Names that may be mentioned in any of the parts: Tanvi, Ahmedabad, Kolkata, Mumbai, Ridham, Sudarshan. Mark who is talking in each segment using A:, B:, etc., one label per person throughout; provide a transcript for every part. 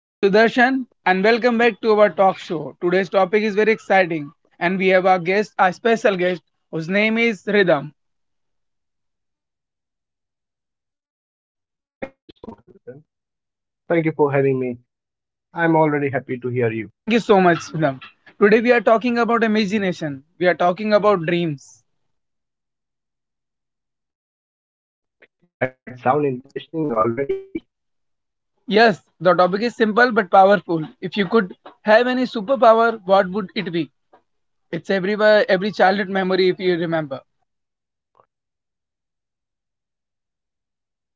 A: I'm Sudarshan and welcome back to our talk show. Today's topic is very exciting and we have our guest, a special guest whose name is Ridham.
B: Thank you so much, Sudarshan. Thank you for having me. I'm already happy to hear you.
A: Thank you so much, Ridham. Today we are talking about imagination. We are talking about dreams.
B: That sound interesting already.
A: Yes, the topic is simple but powerful. If you could have any superpower, what would it be? It's everywhere, every childhood memory if you remember.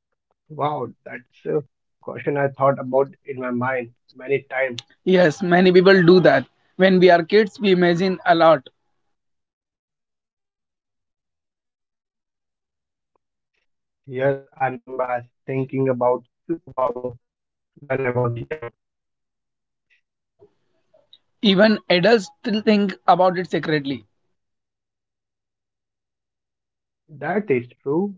B: Wow, that's a question I thought about in my mind many times.
A: Yes, many people do that. When we are kids, we imagine a lot.
B: Yes, I remember I was thinking about superpower when I was young.
A: Even adults still think about it secretly.
B: That is true.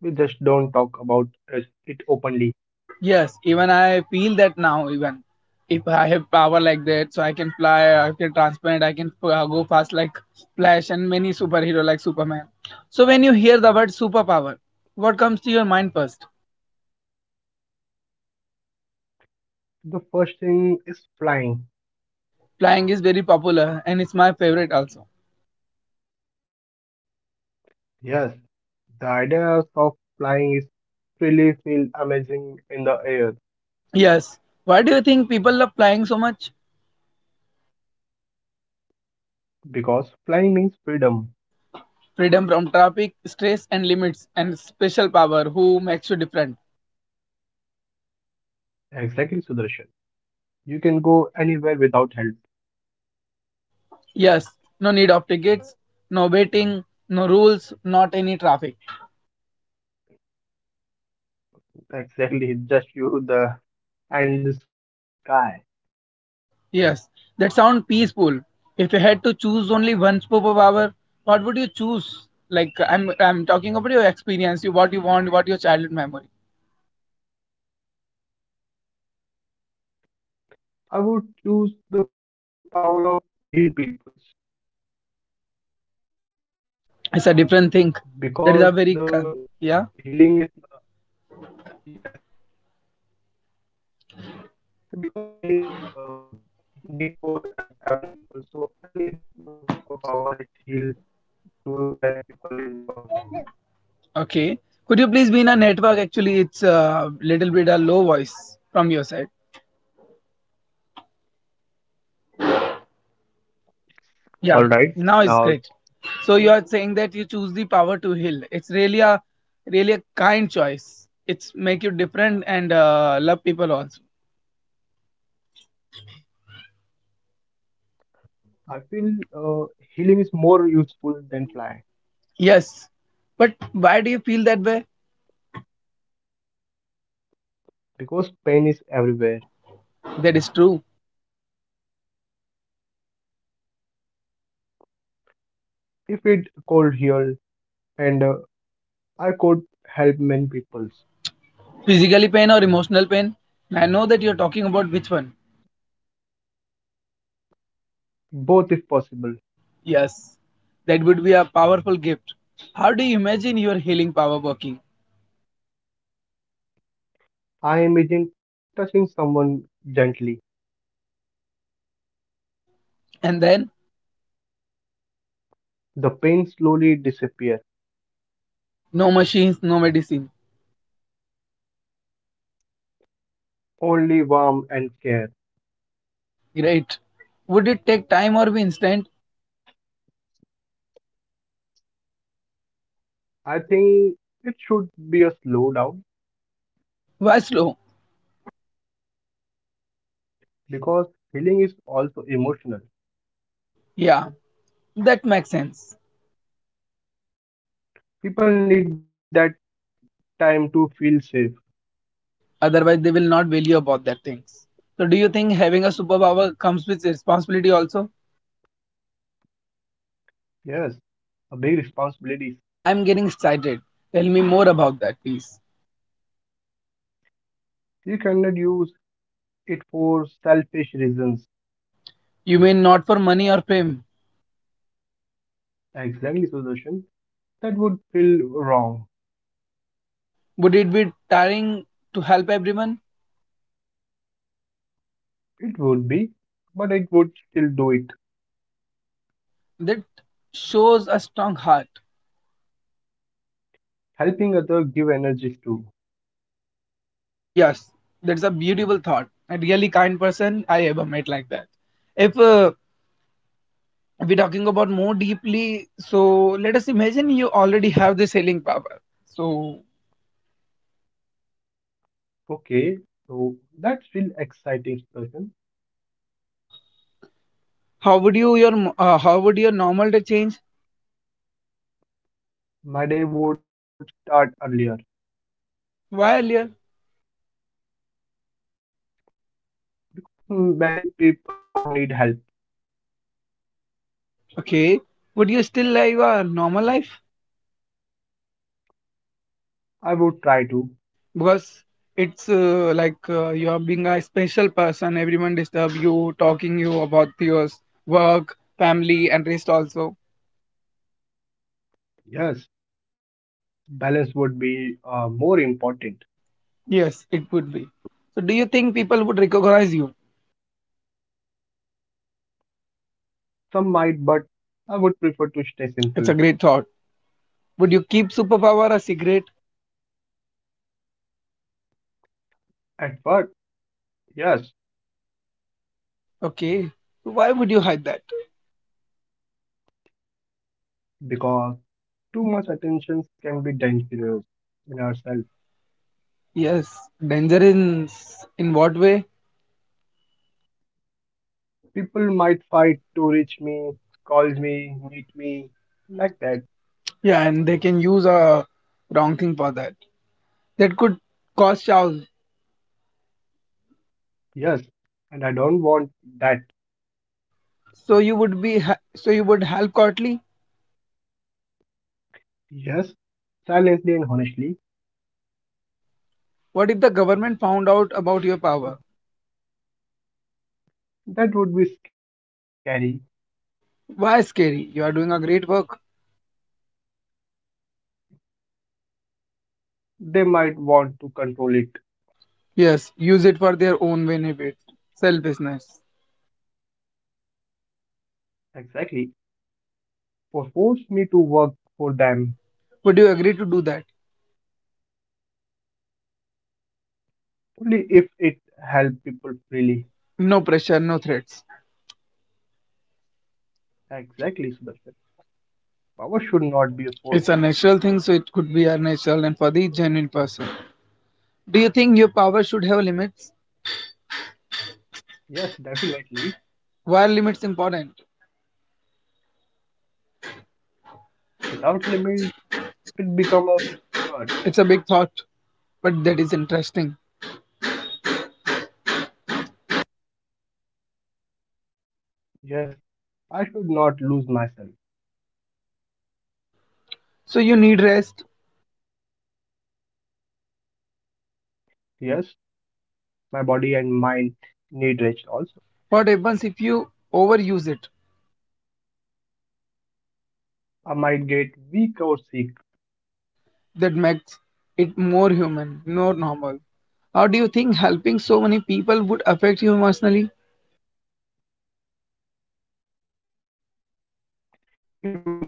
B: We just don't talk about it openly.
A: Yes, even I feel that now. Even if I have power like that, so I can fly, I can transparent, I can go fast like Flash and many superhero like Superman. So when you hear the word superpower, what comes to your mind first?
B: The first thing is flying.
A: Flying is very popular and it's my favorite also.
B: Yes, the idea of flying is really feel amazing in the air
A: Yes. Why do you think people love flying so much?
B: because flying means freedom.
A: Freedom from traffic, stress and limits, and special power who makes you different.
B: Exactly, Sudarshan. You can go anywhere without help.
A: Yes, no need of tickets, no waiting, no rules, not any traffic.
B: Exactly, just you, the and the sky.
A: Yes, that sound peaceful. If you had to choose only one superpower, what would you choose? Like I'm talking about your experience, you what you want, what your childhood memory.
B: I would choose the power of heal peoples because
A: It's a different
B: the
A: thing. That is a
B: healing is,
A: very con- yeah.
B: yes, because healing is need for every people. So I need superpower. It's heal to any people in one time.
A: Okay. Could you please be in a network? Actually, it's a little bit a low voice from your side.
B: All right, now it's
A: Yeah.
B: good.
A: Now it's great. So you are saying that you choose the power to heal. It's really a really a kind choice. It's make you different and love people also.
B: I feel uh, healing is more useful than fly
A: Yes, but why do you feel that way?
B: because pain is everywhere.
A: That is true.
B: If it cold here and I could help many people,
A: Physically pain or emotional pain? I know that you're talking about which one.
B: both if possible.
A: Yes, that would be a powerful gift. How do you imagine your healing power working?
B: I imagine touching someone gently.
A: And then,
B: The pain slowly disappear,
A: no machines, no medicine.
B: only warmth and care.
A: Great. Would it take time or be instant?
B: I think it should be a slow down
A: Why slow?
B: because healing is also emotional.
A: Yeah, that makes sense.
B: People need that time to feel safe.
A: Otherwise, they will not value about that things. So, do you think having a superpower comes with responsibility also?
B: Yes, a big responsibility.
A: I'm getting excited. Tell me more about that, please.
B: You cannot use it for selfish reasons.
A: You mean not for money or fame?
B: Exactly, solution. That would feel wrong.
A: Would it be tiring to help everyone?
B: It would be, but it would still do it.
A: That shows a strong heart.
B: Helping other give energies too.
A: Yes, that's a beautiful thought. A really kind person I ever met like that. If we're talking about more deeply, so let us imagine you already have this healing power. So
B: Okay, so that's real exciting discussion.
A: how would you your how would your normal day change?
B: My day would start earlier.
A: Why earlier?
B: Many people would need help.
A: Okay, would you still live a normal life?
B: I would try to.
A: Because it's like you are being a special person, everyone disturb you talking you about your work, family and rest also.
B: Yes, balance would be more important.
A: Yes, it would be. So do you think people would recognize you?
B: Some might, but I would prefer to stay
A: It's a great
B: simple.
A: thought. Would you keep superpower a secret?
B: At first, yes,
A: Okay, so why would you hide that?
B: because too much attention can be dangerous in ourselves.
A: Yes, danger in what way?
B: People might fight to reach me, call me, meet me, like that.
A: Yeah, and they can use a wrong thing for that. That could cause chaos.
B: Yes, and I don't want that.
A: So you would be ha- so you would help Cotley.
B: Yes, silently and honestly,
A: What if the government found out about your power?
B: that would be scary.
A: Why scary? You are doing a great work.
B: They might want to control it.
A: Yes, use it for their own benefit. Selfishness.
B: Exactly. Or force me to work for them.
A: Would you agree to do that?
B: Only if it helps people freely.
A: No pressure, no threats.
B: Exactly, Sudarshan. Power should
A: It's a
B: not be a
A: natural thing, so
B: force.
A: it could be a natural and for the genuine person. Do you think your power should have limits?
B: Yes,
A: Why are limits
B: definitely.
A: important?
B: Without limit, it become a curse.
A: It's a big thought, but that is interesting.
B: Yes, I should not lose myself.
A: So you need rest.
B: Yes, my body and mind need rest also.
A: What happens if you overuse it?
B: I might get weak or sick.
A: That makes it more human, more normal. How do you think helping so many people would affect you emotionally?
B: It would be heavy sometimes.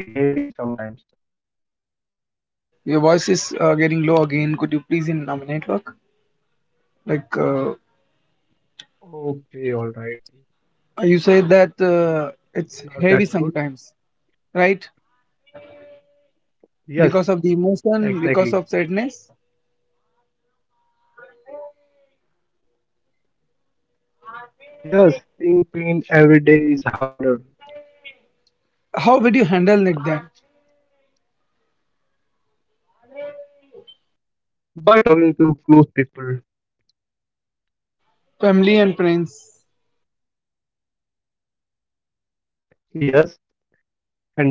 A: Your voice is getting low again. Could you please in network? Like
B: Okay, all right.
A: you said
B: Now
A: that
B: that's good.
A: it's heavy sometimes, right?
B: Yes,
A: Because of the
B: exactly.
A: emotion, because of sadness.
B: Yes, seeing pain every day is harder.
A: How would you handle it then?
B: By talking to close people,
A: Family and friends.
B: yes, and by taking quiet time.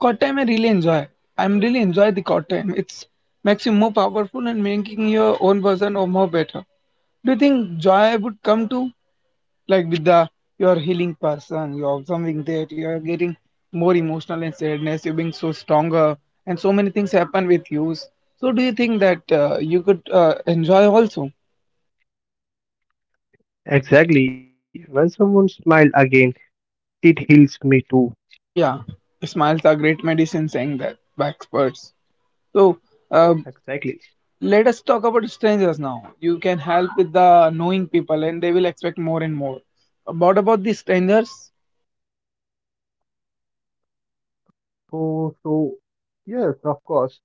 A: Court time I really enjoy. I'm really enjoy the court time. It's makes you more powerful and making your own person or more better. Do you think joy would come to like with the you're healing person, you're observing that you're getting more emotional and sadness, you're being so stronger and so many things happen with you, so do you think that you could enjoy also?
B: Exactly. When someone smiles again, it heals me too.
A: Yeah, smiles are great medicine, saying that by experts. So uh,
B: Exactly.
A: let us talk about strangers now. You can help with the knowing people and they will expect more and more. What about the strangers?
B: So, so, yes, of course,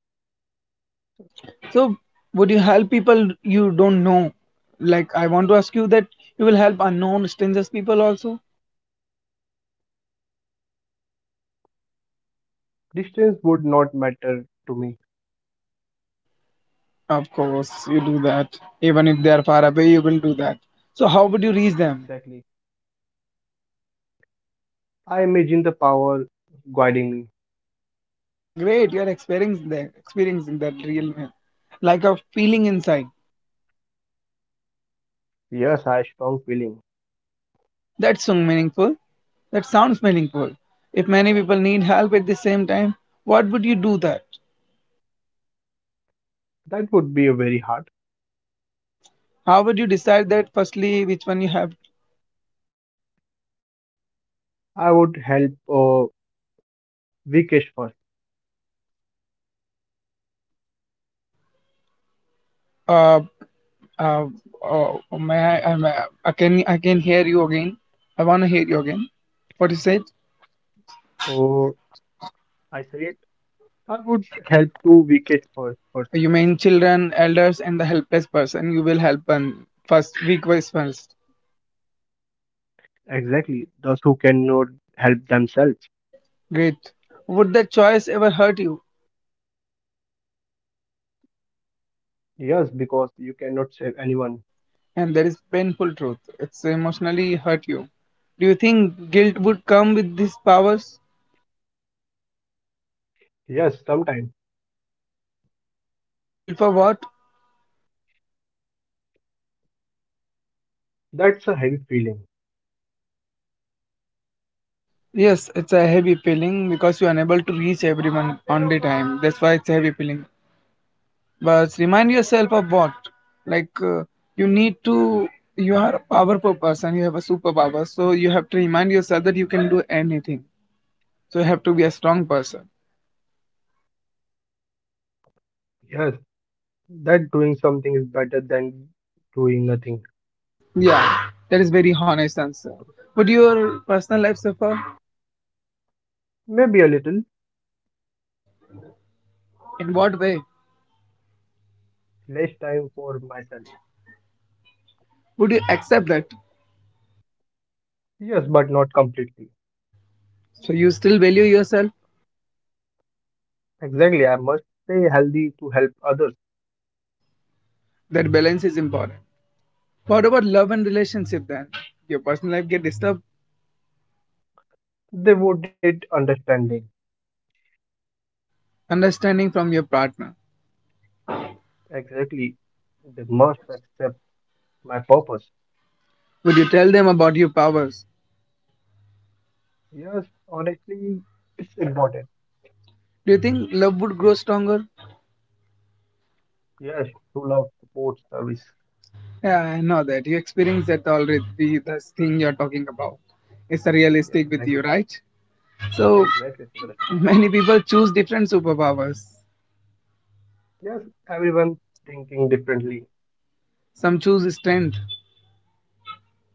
A: So, would you help people you don't know? Like, I want to ask you that you will help unknown strangers people also?
B: distance would not matter to me.
A: Of course, you do that. Even if they are far away, you will do that. So, how would you reach them?
B: Exactly. I imagine the power guiding me.
A: Great, you are experiencing that real me- like a feeling inside.
B: Yes, I strong feeling.
A: That's so meaningful. That sounds meaningful. If many people need help at the same time, what would you do that?
B: That would be a very hard.
A: How would you decide that? Firstly, which one you have?
B: I would help Vikesh first.
A: uh, Uh, oh, oh, may I, may, I can hear you again. I want to hear you again. What you said?
B: Oh, I say it. I would help to Vikesh first
A: You
B: person.
A: mean children, elders, and the helpless person. You will help and first, weak ones first.
B: Exactly, those who cannot help themselves.
A: Great. Would that choice ever hurt you?
B: Yes, because you cannot save anyone.
A: And that is painful truth. It's emotionally hurt you. Do you think guilt would come with these powers?
B: Yes, sometimes
A: Guilt for what?
B: that's a heavy feeling.
A: Yes, it's a heavy feeling because you're unable to reach everyone on the time. That's why it's a heavy feeling. But remind yourself of what, like you need to, you are a powerful person, you have a superpower, so you have to remind yourself that you can do anything, so you have to be a strong person.
B: Yes, that doing something is better than doing nothing.
A: Yeah, that is very honest answer. Would your personal life suffer?
B: Maybe a little
A: In what way?
B: less time for myself.
A: Would you accept that?
B: Yes, but not completely.
A: So you still value yourself.
B: Exactly, I must stay healthy to help others.
A: That balance is important. What about love and relationship then? Your personal life get disturbed?
B: They would need understanding.
A: Understanding from your partner?
B: Exactly. They must accept my purpose.
A: Would you tell them about your powers?
B: Yes, honestly, it's important.
A: Do you think love would grow stronger?
B: Yes, true love, support, service.
A: Yeah, I know that. You experienced that already, the thing you're talking about. It's a
B: Yeah,
A: realistic with
B: exactly.
A: you, right? So
B: Exactly, Sudarshan.
A: many people choose different superpowers.
B: Yes, everyone thinking differently.
A: Some choose strength,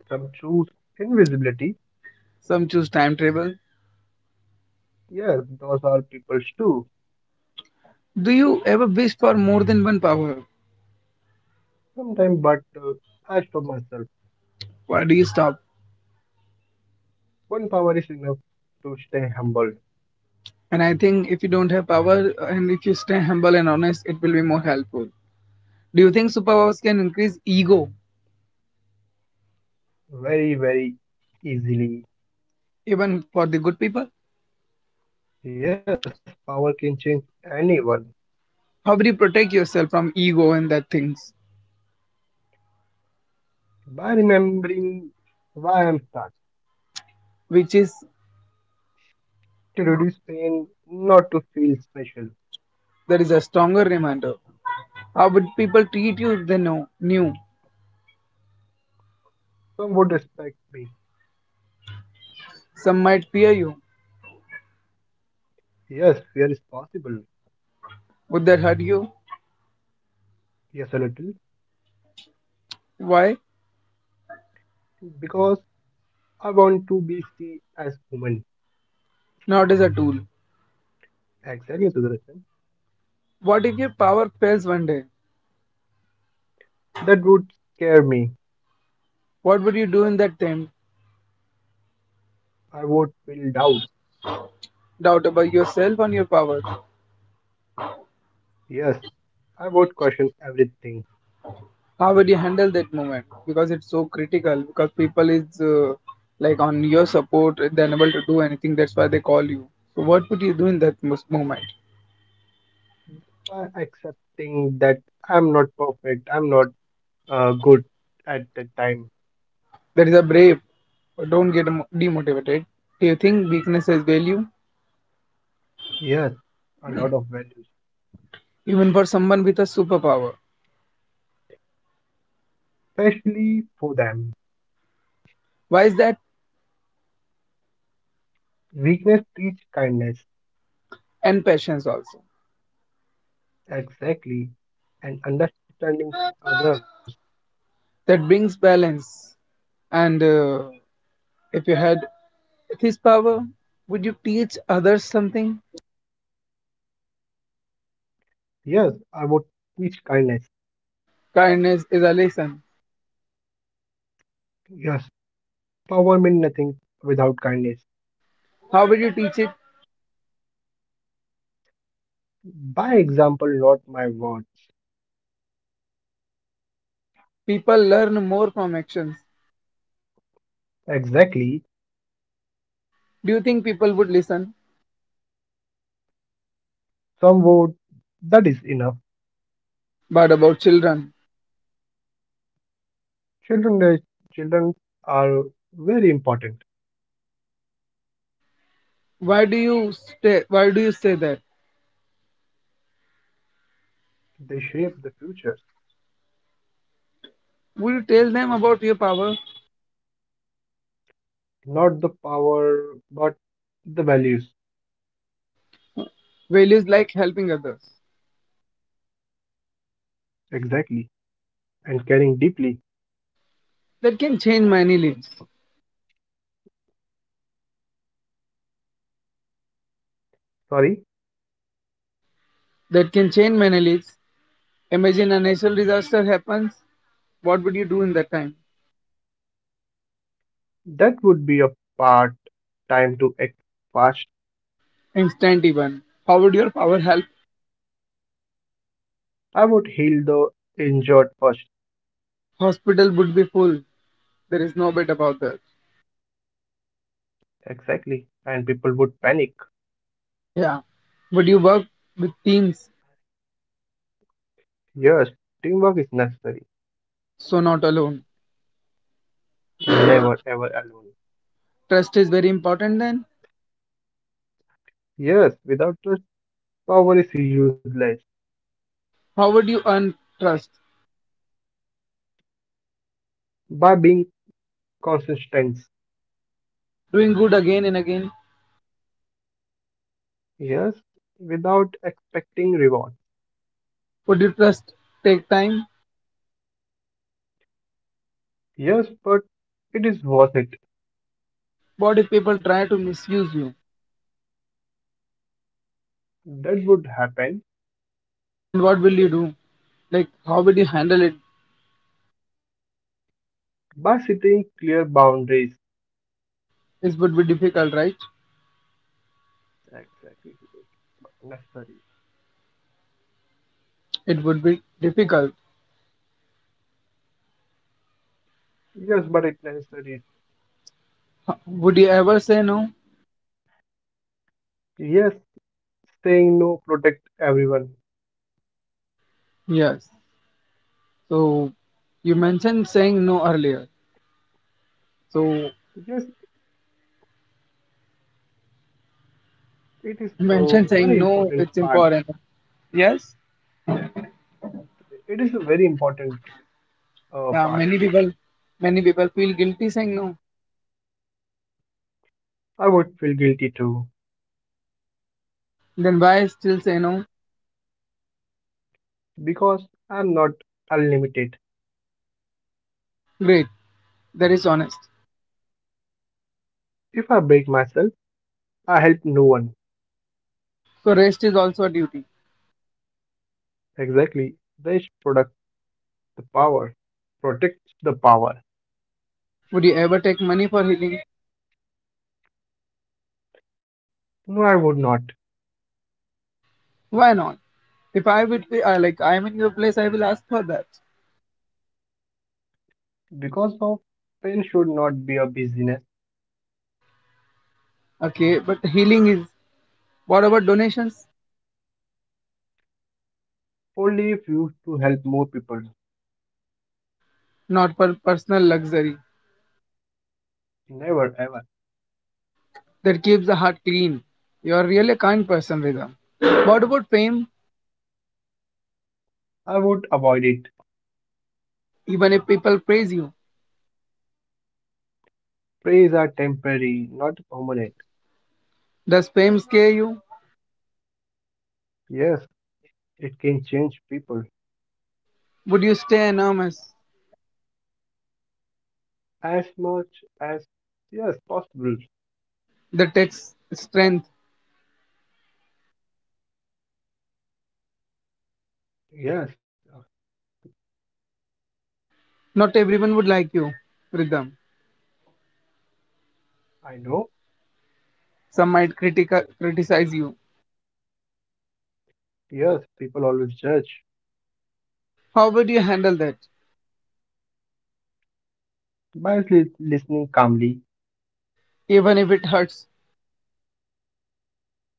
B: Some choose invisibility.
A: some choose time travel.
B: Yes, those are people's too.
A: Do you ever wish for more than one power?
B: Sometimes, but as for myself,
A: Why do you stop?
B: one power is enough to stay humble.
A: And I think if you don't have power and if you stay humble and honest, it will be more helpful. Do you think superpowers can increase ego
B: Very, very easily.
A: even for the good people?
B: Yes, power can change anyone
A: How do you protect yourself from ego and that things?
B: by remembering why I'm starting.
A: Which is
B: To reduce pain, not to feel special.
A: that is a stronger reminder. How would people treat you if they know, knew?
B: Some would respect me.
A: Some might fear you.
B: Yes, fear is possible.
A: Would that hurt you?
B: Yes, a little.
A: Why?
B: Because I want to be seen as human.
A: Not as a tool.
B: Exactly, Sudarshan.
A: What if your power fails one day?
B: That would scare me.
A: What would you do in that time?
B: I would feel doubt.
A: Doubt about yourself and your power.
B: Yes, I would question everything.
A: How would you handle that moment? Because it's so critical. Because people is like on your support, they're unable to do anything. That's why they call you. So what would you do in that mos- moment?
B: By accepting that I'm not perfect, I'm not good at that time.
A: That is a brave. Don't get emo- demotivated. Do you think weakness has value?
B: Yes, a lot of values,
A: Even for someone with a superpower.
B: especially for them.
A: Why is that?
B: Weakness teach kindness.
A: And patience also.
B: Exactly. And understanding others.
A: That brings balance. And if you had this power, would you teach others something?
B: Yes, I would teach kindness.
A: Kindness is a lesson.
B: Yes, power means nothing without kindness.
A: How would you teach it?
B: By example, not my words.
A: People learn more from actions.
B: Exactly.
A: Do you think people would listen?
B: Some word that is enough.
A: But about children,
B: Children, children are very important.
A: why do you stay why do you say that?
B: They shape the future,
A: Would you tell them about your power?
B: not the power, but the values.
A: Values like helping others.
B: Exactly. And caring deeply.
A: That can change many lives.
B: Sorry,
A: That can change many lives. Imagine a natural disaster happens. What would you do in that time?
B: that would be a part time to act fast.
A: Instant even. How would your power help?
B: I would heal the injured first.
A: Hospital would be full. There is no bit about that.
B: Exactly. And people would panic.
A: Yeah. Would you work with teams?
B: Yes, teamwork is necessary.
A: So not alone.
B: Never ever alone.
A: Trust is very important then.
B: Yes, without trust, power is useless.
A: How would you earn trust?
B: By being consistent.
A: Doing good again and again.
B: Yes, without expecting reward.
A: Would you trust take time?
B: Yes, but it is worth it.
A: What if people try to misuse you?
B: That would happen
A: Then what will you do? Like how would you handle it?
B: by setting clear boundaries.
A: This would be difficult, right?
B: Exactly. But necessary.
A: It would be difficult.
B: Yes, but it necessary.
A: H- would you ever say no?
B: Yes, saying no protect everyone.
A: Yes. So you mentioned saying no earlier. So
B: Yes, it is a
A: mentioned
B: very
A: saying no,
B: important
A: it's
B: part.
A: important. Yes.
B: It is a very important part.
A: Yeah, many people, feel guilty saying no.
B: I would feel guilty too
A: Then why still say no?
B: because I'm not unlimited.
A: Great, that is honest.
B: If I break myself, I help no one.
A: So rest is also a duty.
B: Exactly. They should protect the power. Protect the power.
A: Would you ever take money for healing?
B: No, I would not
A: Why not? If I would be I, like I'm in your place, I will ask for that.
B: because of pain should not be a business.
A: Okay, but healing is. What about donations?
B: Only if used to help more people.
A: Not for personal luxury.
B: Never ever.
A: That keeps the heart clean. You are really a kind person, Rida. What about fame?
B: I would avoid it.
A: Even if people praise you.
B: Praise are temporary, not permanent.
A: Does fame scare you?
B: Yes, it can change people
A: Would you stay anonymous?
B: as much as yes possible.
A: The text strength.
B: Yes,
A: Not everyone would like you. Rhythm.
B: I know.
A: Some might critica- criticize you.
B: Yes, people always judge
A: How would you handle that?
B: by listening calmly.
A: Even if it hurts,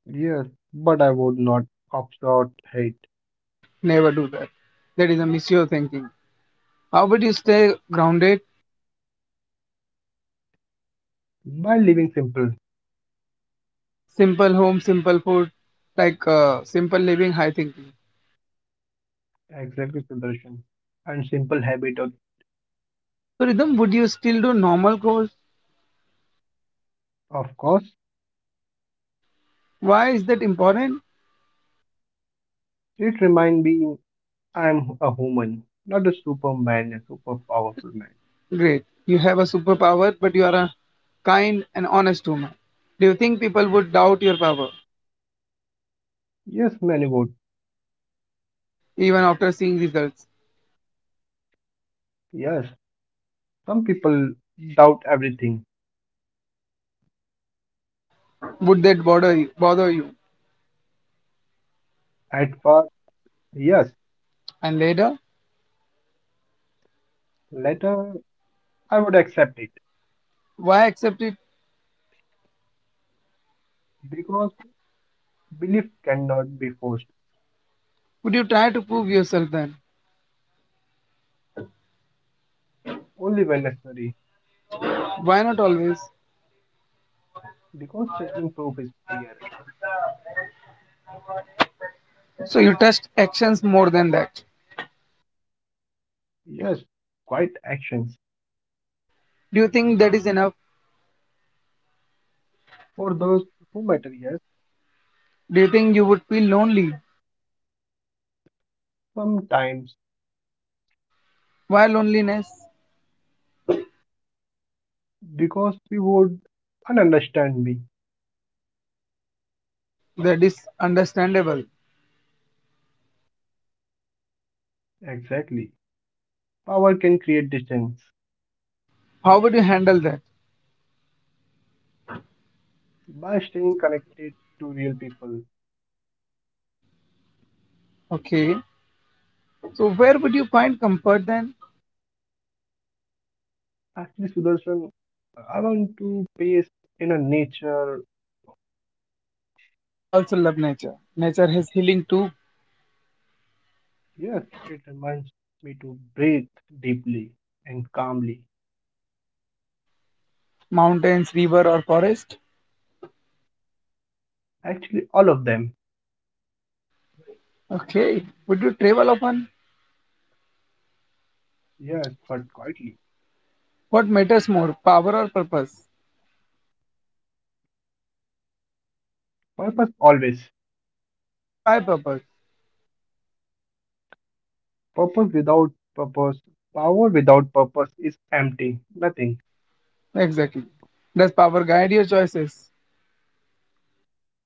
B: Yes, but I would not upstart hate
A: never do that. That is a mature thinking. How would you stay grounded?
B: by living simple.
A: Simple home, simple food, like simple living, high thinking.
B: Exactly, Sudarshan. And simple habit
A: So, Rhythm, would you still do normal course?
B: of course
A: Why is that important?
B: it remind me I'm a human, not a superman, a super powerful man.
A: Great. You have a superpower, but you are a kind and honest woman. Do you think people would doubt your power?
B: Yes, many would.
A: Even after seeing results?
B: Yes, some people doubt everything.
A: Would that bother you? Bother you?
B: At first, yes.
A: And later,
B: Later I would accept it.
A: why accept it?
B: Because belief cannot be forced,
A: Would you try to prove yourself then?
B: only when necessary.
A: Why not always?
B: Because chasing proof is prayer.
A: So you test actions more than that.
B: Yes, quiet actions.
A: Do you think that is enough?
B: For those who matter, yes,
A: Do you think you would feel lonely?
B: sometimes.
A: Why loneliness?
B: Because we would understand me.
A: That is understandable.
B: Exactly. Power can create distance.
A: How would you handle that?
B: By staying connected to real people.
A: Okay. So where would you find comfort then?
B: Actually, Sudarshan, I want to pace in a nature.
A: I also love nature. Nature has healing too.
B: Yes, it reminds me to breathe deeply and calmly.
A: Mountains, river or forest.
B: Actually, all of them.
A: Okay. Would you travel often?
B: Yes, but quietly.
A: What matters more, power or purpose?
B: Purpose always.
A: Why purpose?
B: Purpose without purpose, power without purpose is empty. Nothing.
A: Exactly. Does power guide your choices?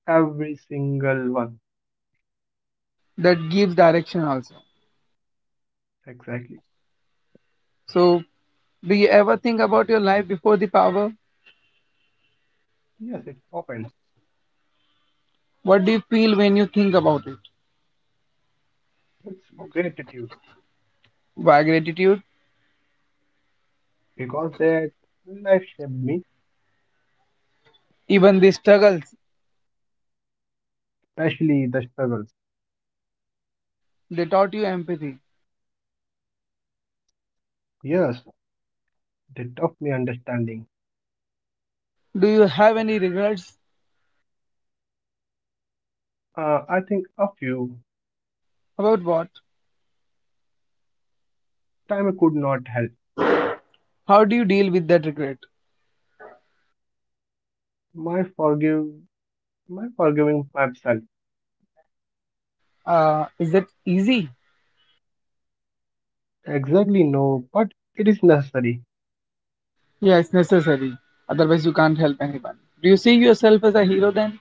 B: Every single one.
A: That gives direction also.
B: Exactly.
A: So, do you ever think about your life before the power?
B: Yes, it's often.
A: What do you feel when you think about it?
B: It's gratitude
A: Why gratitude?
B: because that life shaped me,
A: Even the struggles,
B: especially the struggles.
A: they taught you empathy.
B: Yes, they taught me understanding.
A: Do you have any regrets
B: I think a few
A: about what?
B: time I could not help.
A: How do you deal with that regret?
B: my forgive my forgiving myself.
A: Is that easy?
B: Exactly no, but it is necessary.
A: Yeah, it's necessary. Otherwise, you can't help anyone. Do you see yourself as a hero then?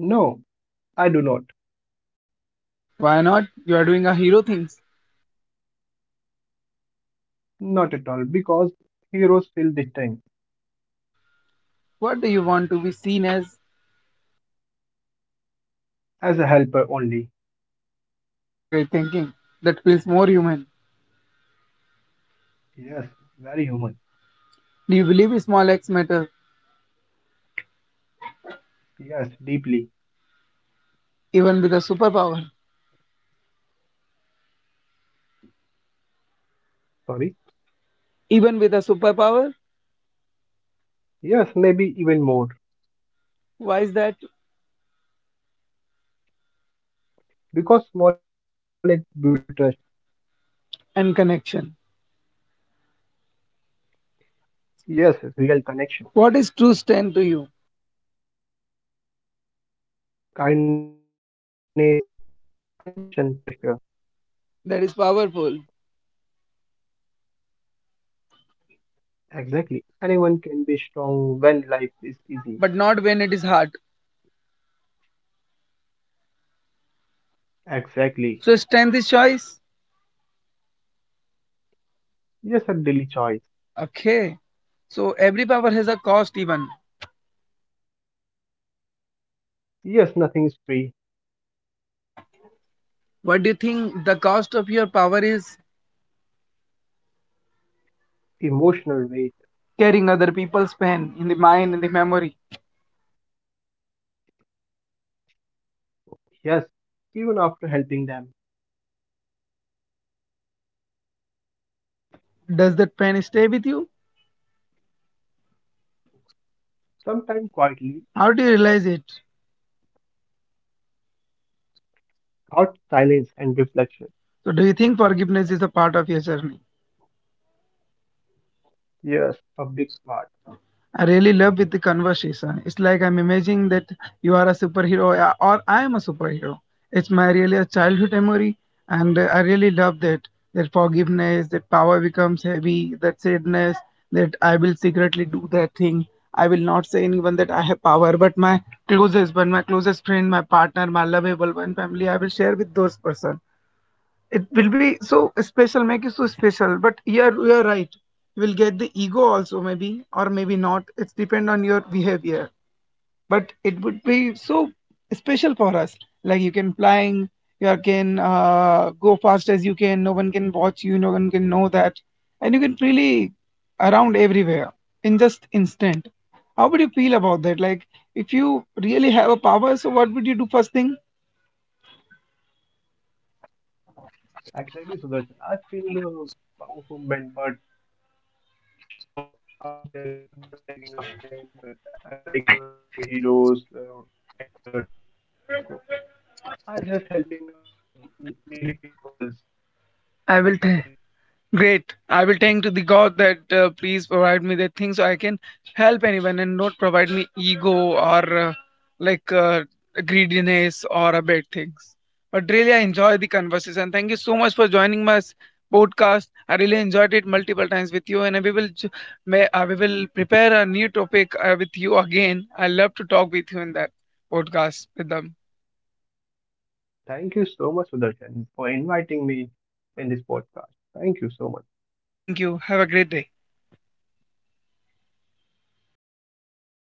B: No, I do not.
A: Why not? You are doing a hero things.
B: Not at all, because heroes feel this time
A: What do you want to be seen as?
B: as a helper only.
A: Great thinking. That feels more human.
B: Yes, very human.
A: Do you believe small acts matter,
B: Yes, deeply.
A: even with a superpower?
B: Sorry.
A: Even with a superpower?
B: Yes, maybe even more.
A: Why is that?
B: Because small acts build trust.
A: And connection.
B: Yes, real connection.
A: What is true strength to you?
B: Kindness, understand pressure.
A: That is powerful,
B: Exactly. Anyone can be strong when life is easy.
A: but not when it is hard. So
B: Exactly.
A: strength is choice.
B: Yes, a daily choice.
A: Okay. So every power has a cost, even.
B: Yes, nothing is free.
A: What do you think the cost of your power is?
B: Emotional weight.
A: Carrying other people's pain in the mind, in the memory.
B: Yes, even after helping them.
A: Does that pain stay with you?
B: Sometimes quietly,
A: How do you realize it?
B: thought, silence, and reflection.
A: So do you think forgiveness is a part of your journey?
B: Yes, a big part.
A: I really love with the conversation. It's like I'm imagining that you are a superhero or I am a superhero. It's my really a childhood memory, and I really love that. That forgiveness, that power becomes heavy, that sadness, that I will secretly do that thing. I will not say anyone that I have power, but my closest one, my closest friend, my partner, my lovable one, family, I will share with those person. It will be so special, make it so special. But you're right, you will get the ego also, maybe or maybe not. It's depend on your behavior, but it would be so special for us. Like you can flying, you can go fast as you can, no one can watch you, no one can know that, and you can freely around everywhere in just instant. How would you feel about that? Like if you really have a power, so what would you do first thing?
B: Exactly, Sudarshan. I feel the movement, but not shop ourselves, not taking a fame like superheroes, actors. So are just helping needy people. That's it.
A: I will tell. Great. I will thank to the God that please provide me that thing so I can help anyone and not provide me ego or like greediness or a bad things. But really, I enjoy the conversation. Thank you so much for joining my podcast. I really enjoyed it multiple times with you, and we will we will prepare a new topic with you again. I love to talk with you in that podcast with them.
B: Thank you so much, Sudarshan, for inviting me in this podcast. Thank you so much.
A: Thank you. Have a great day.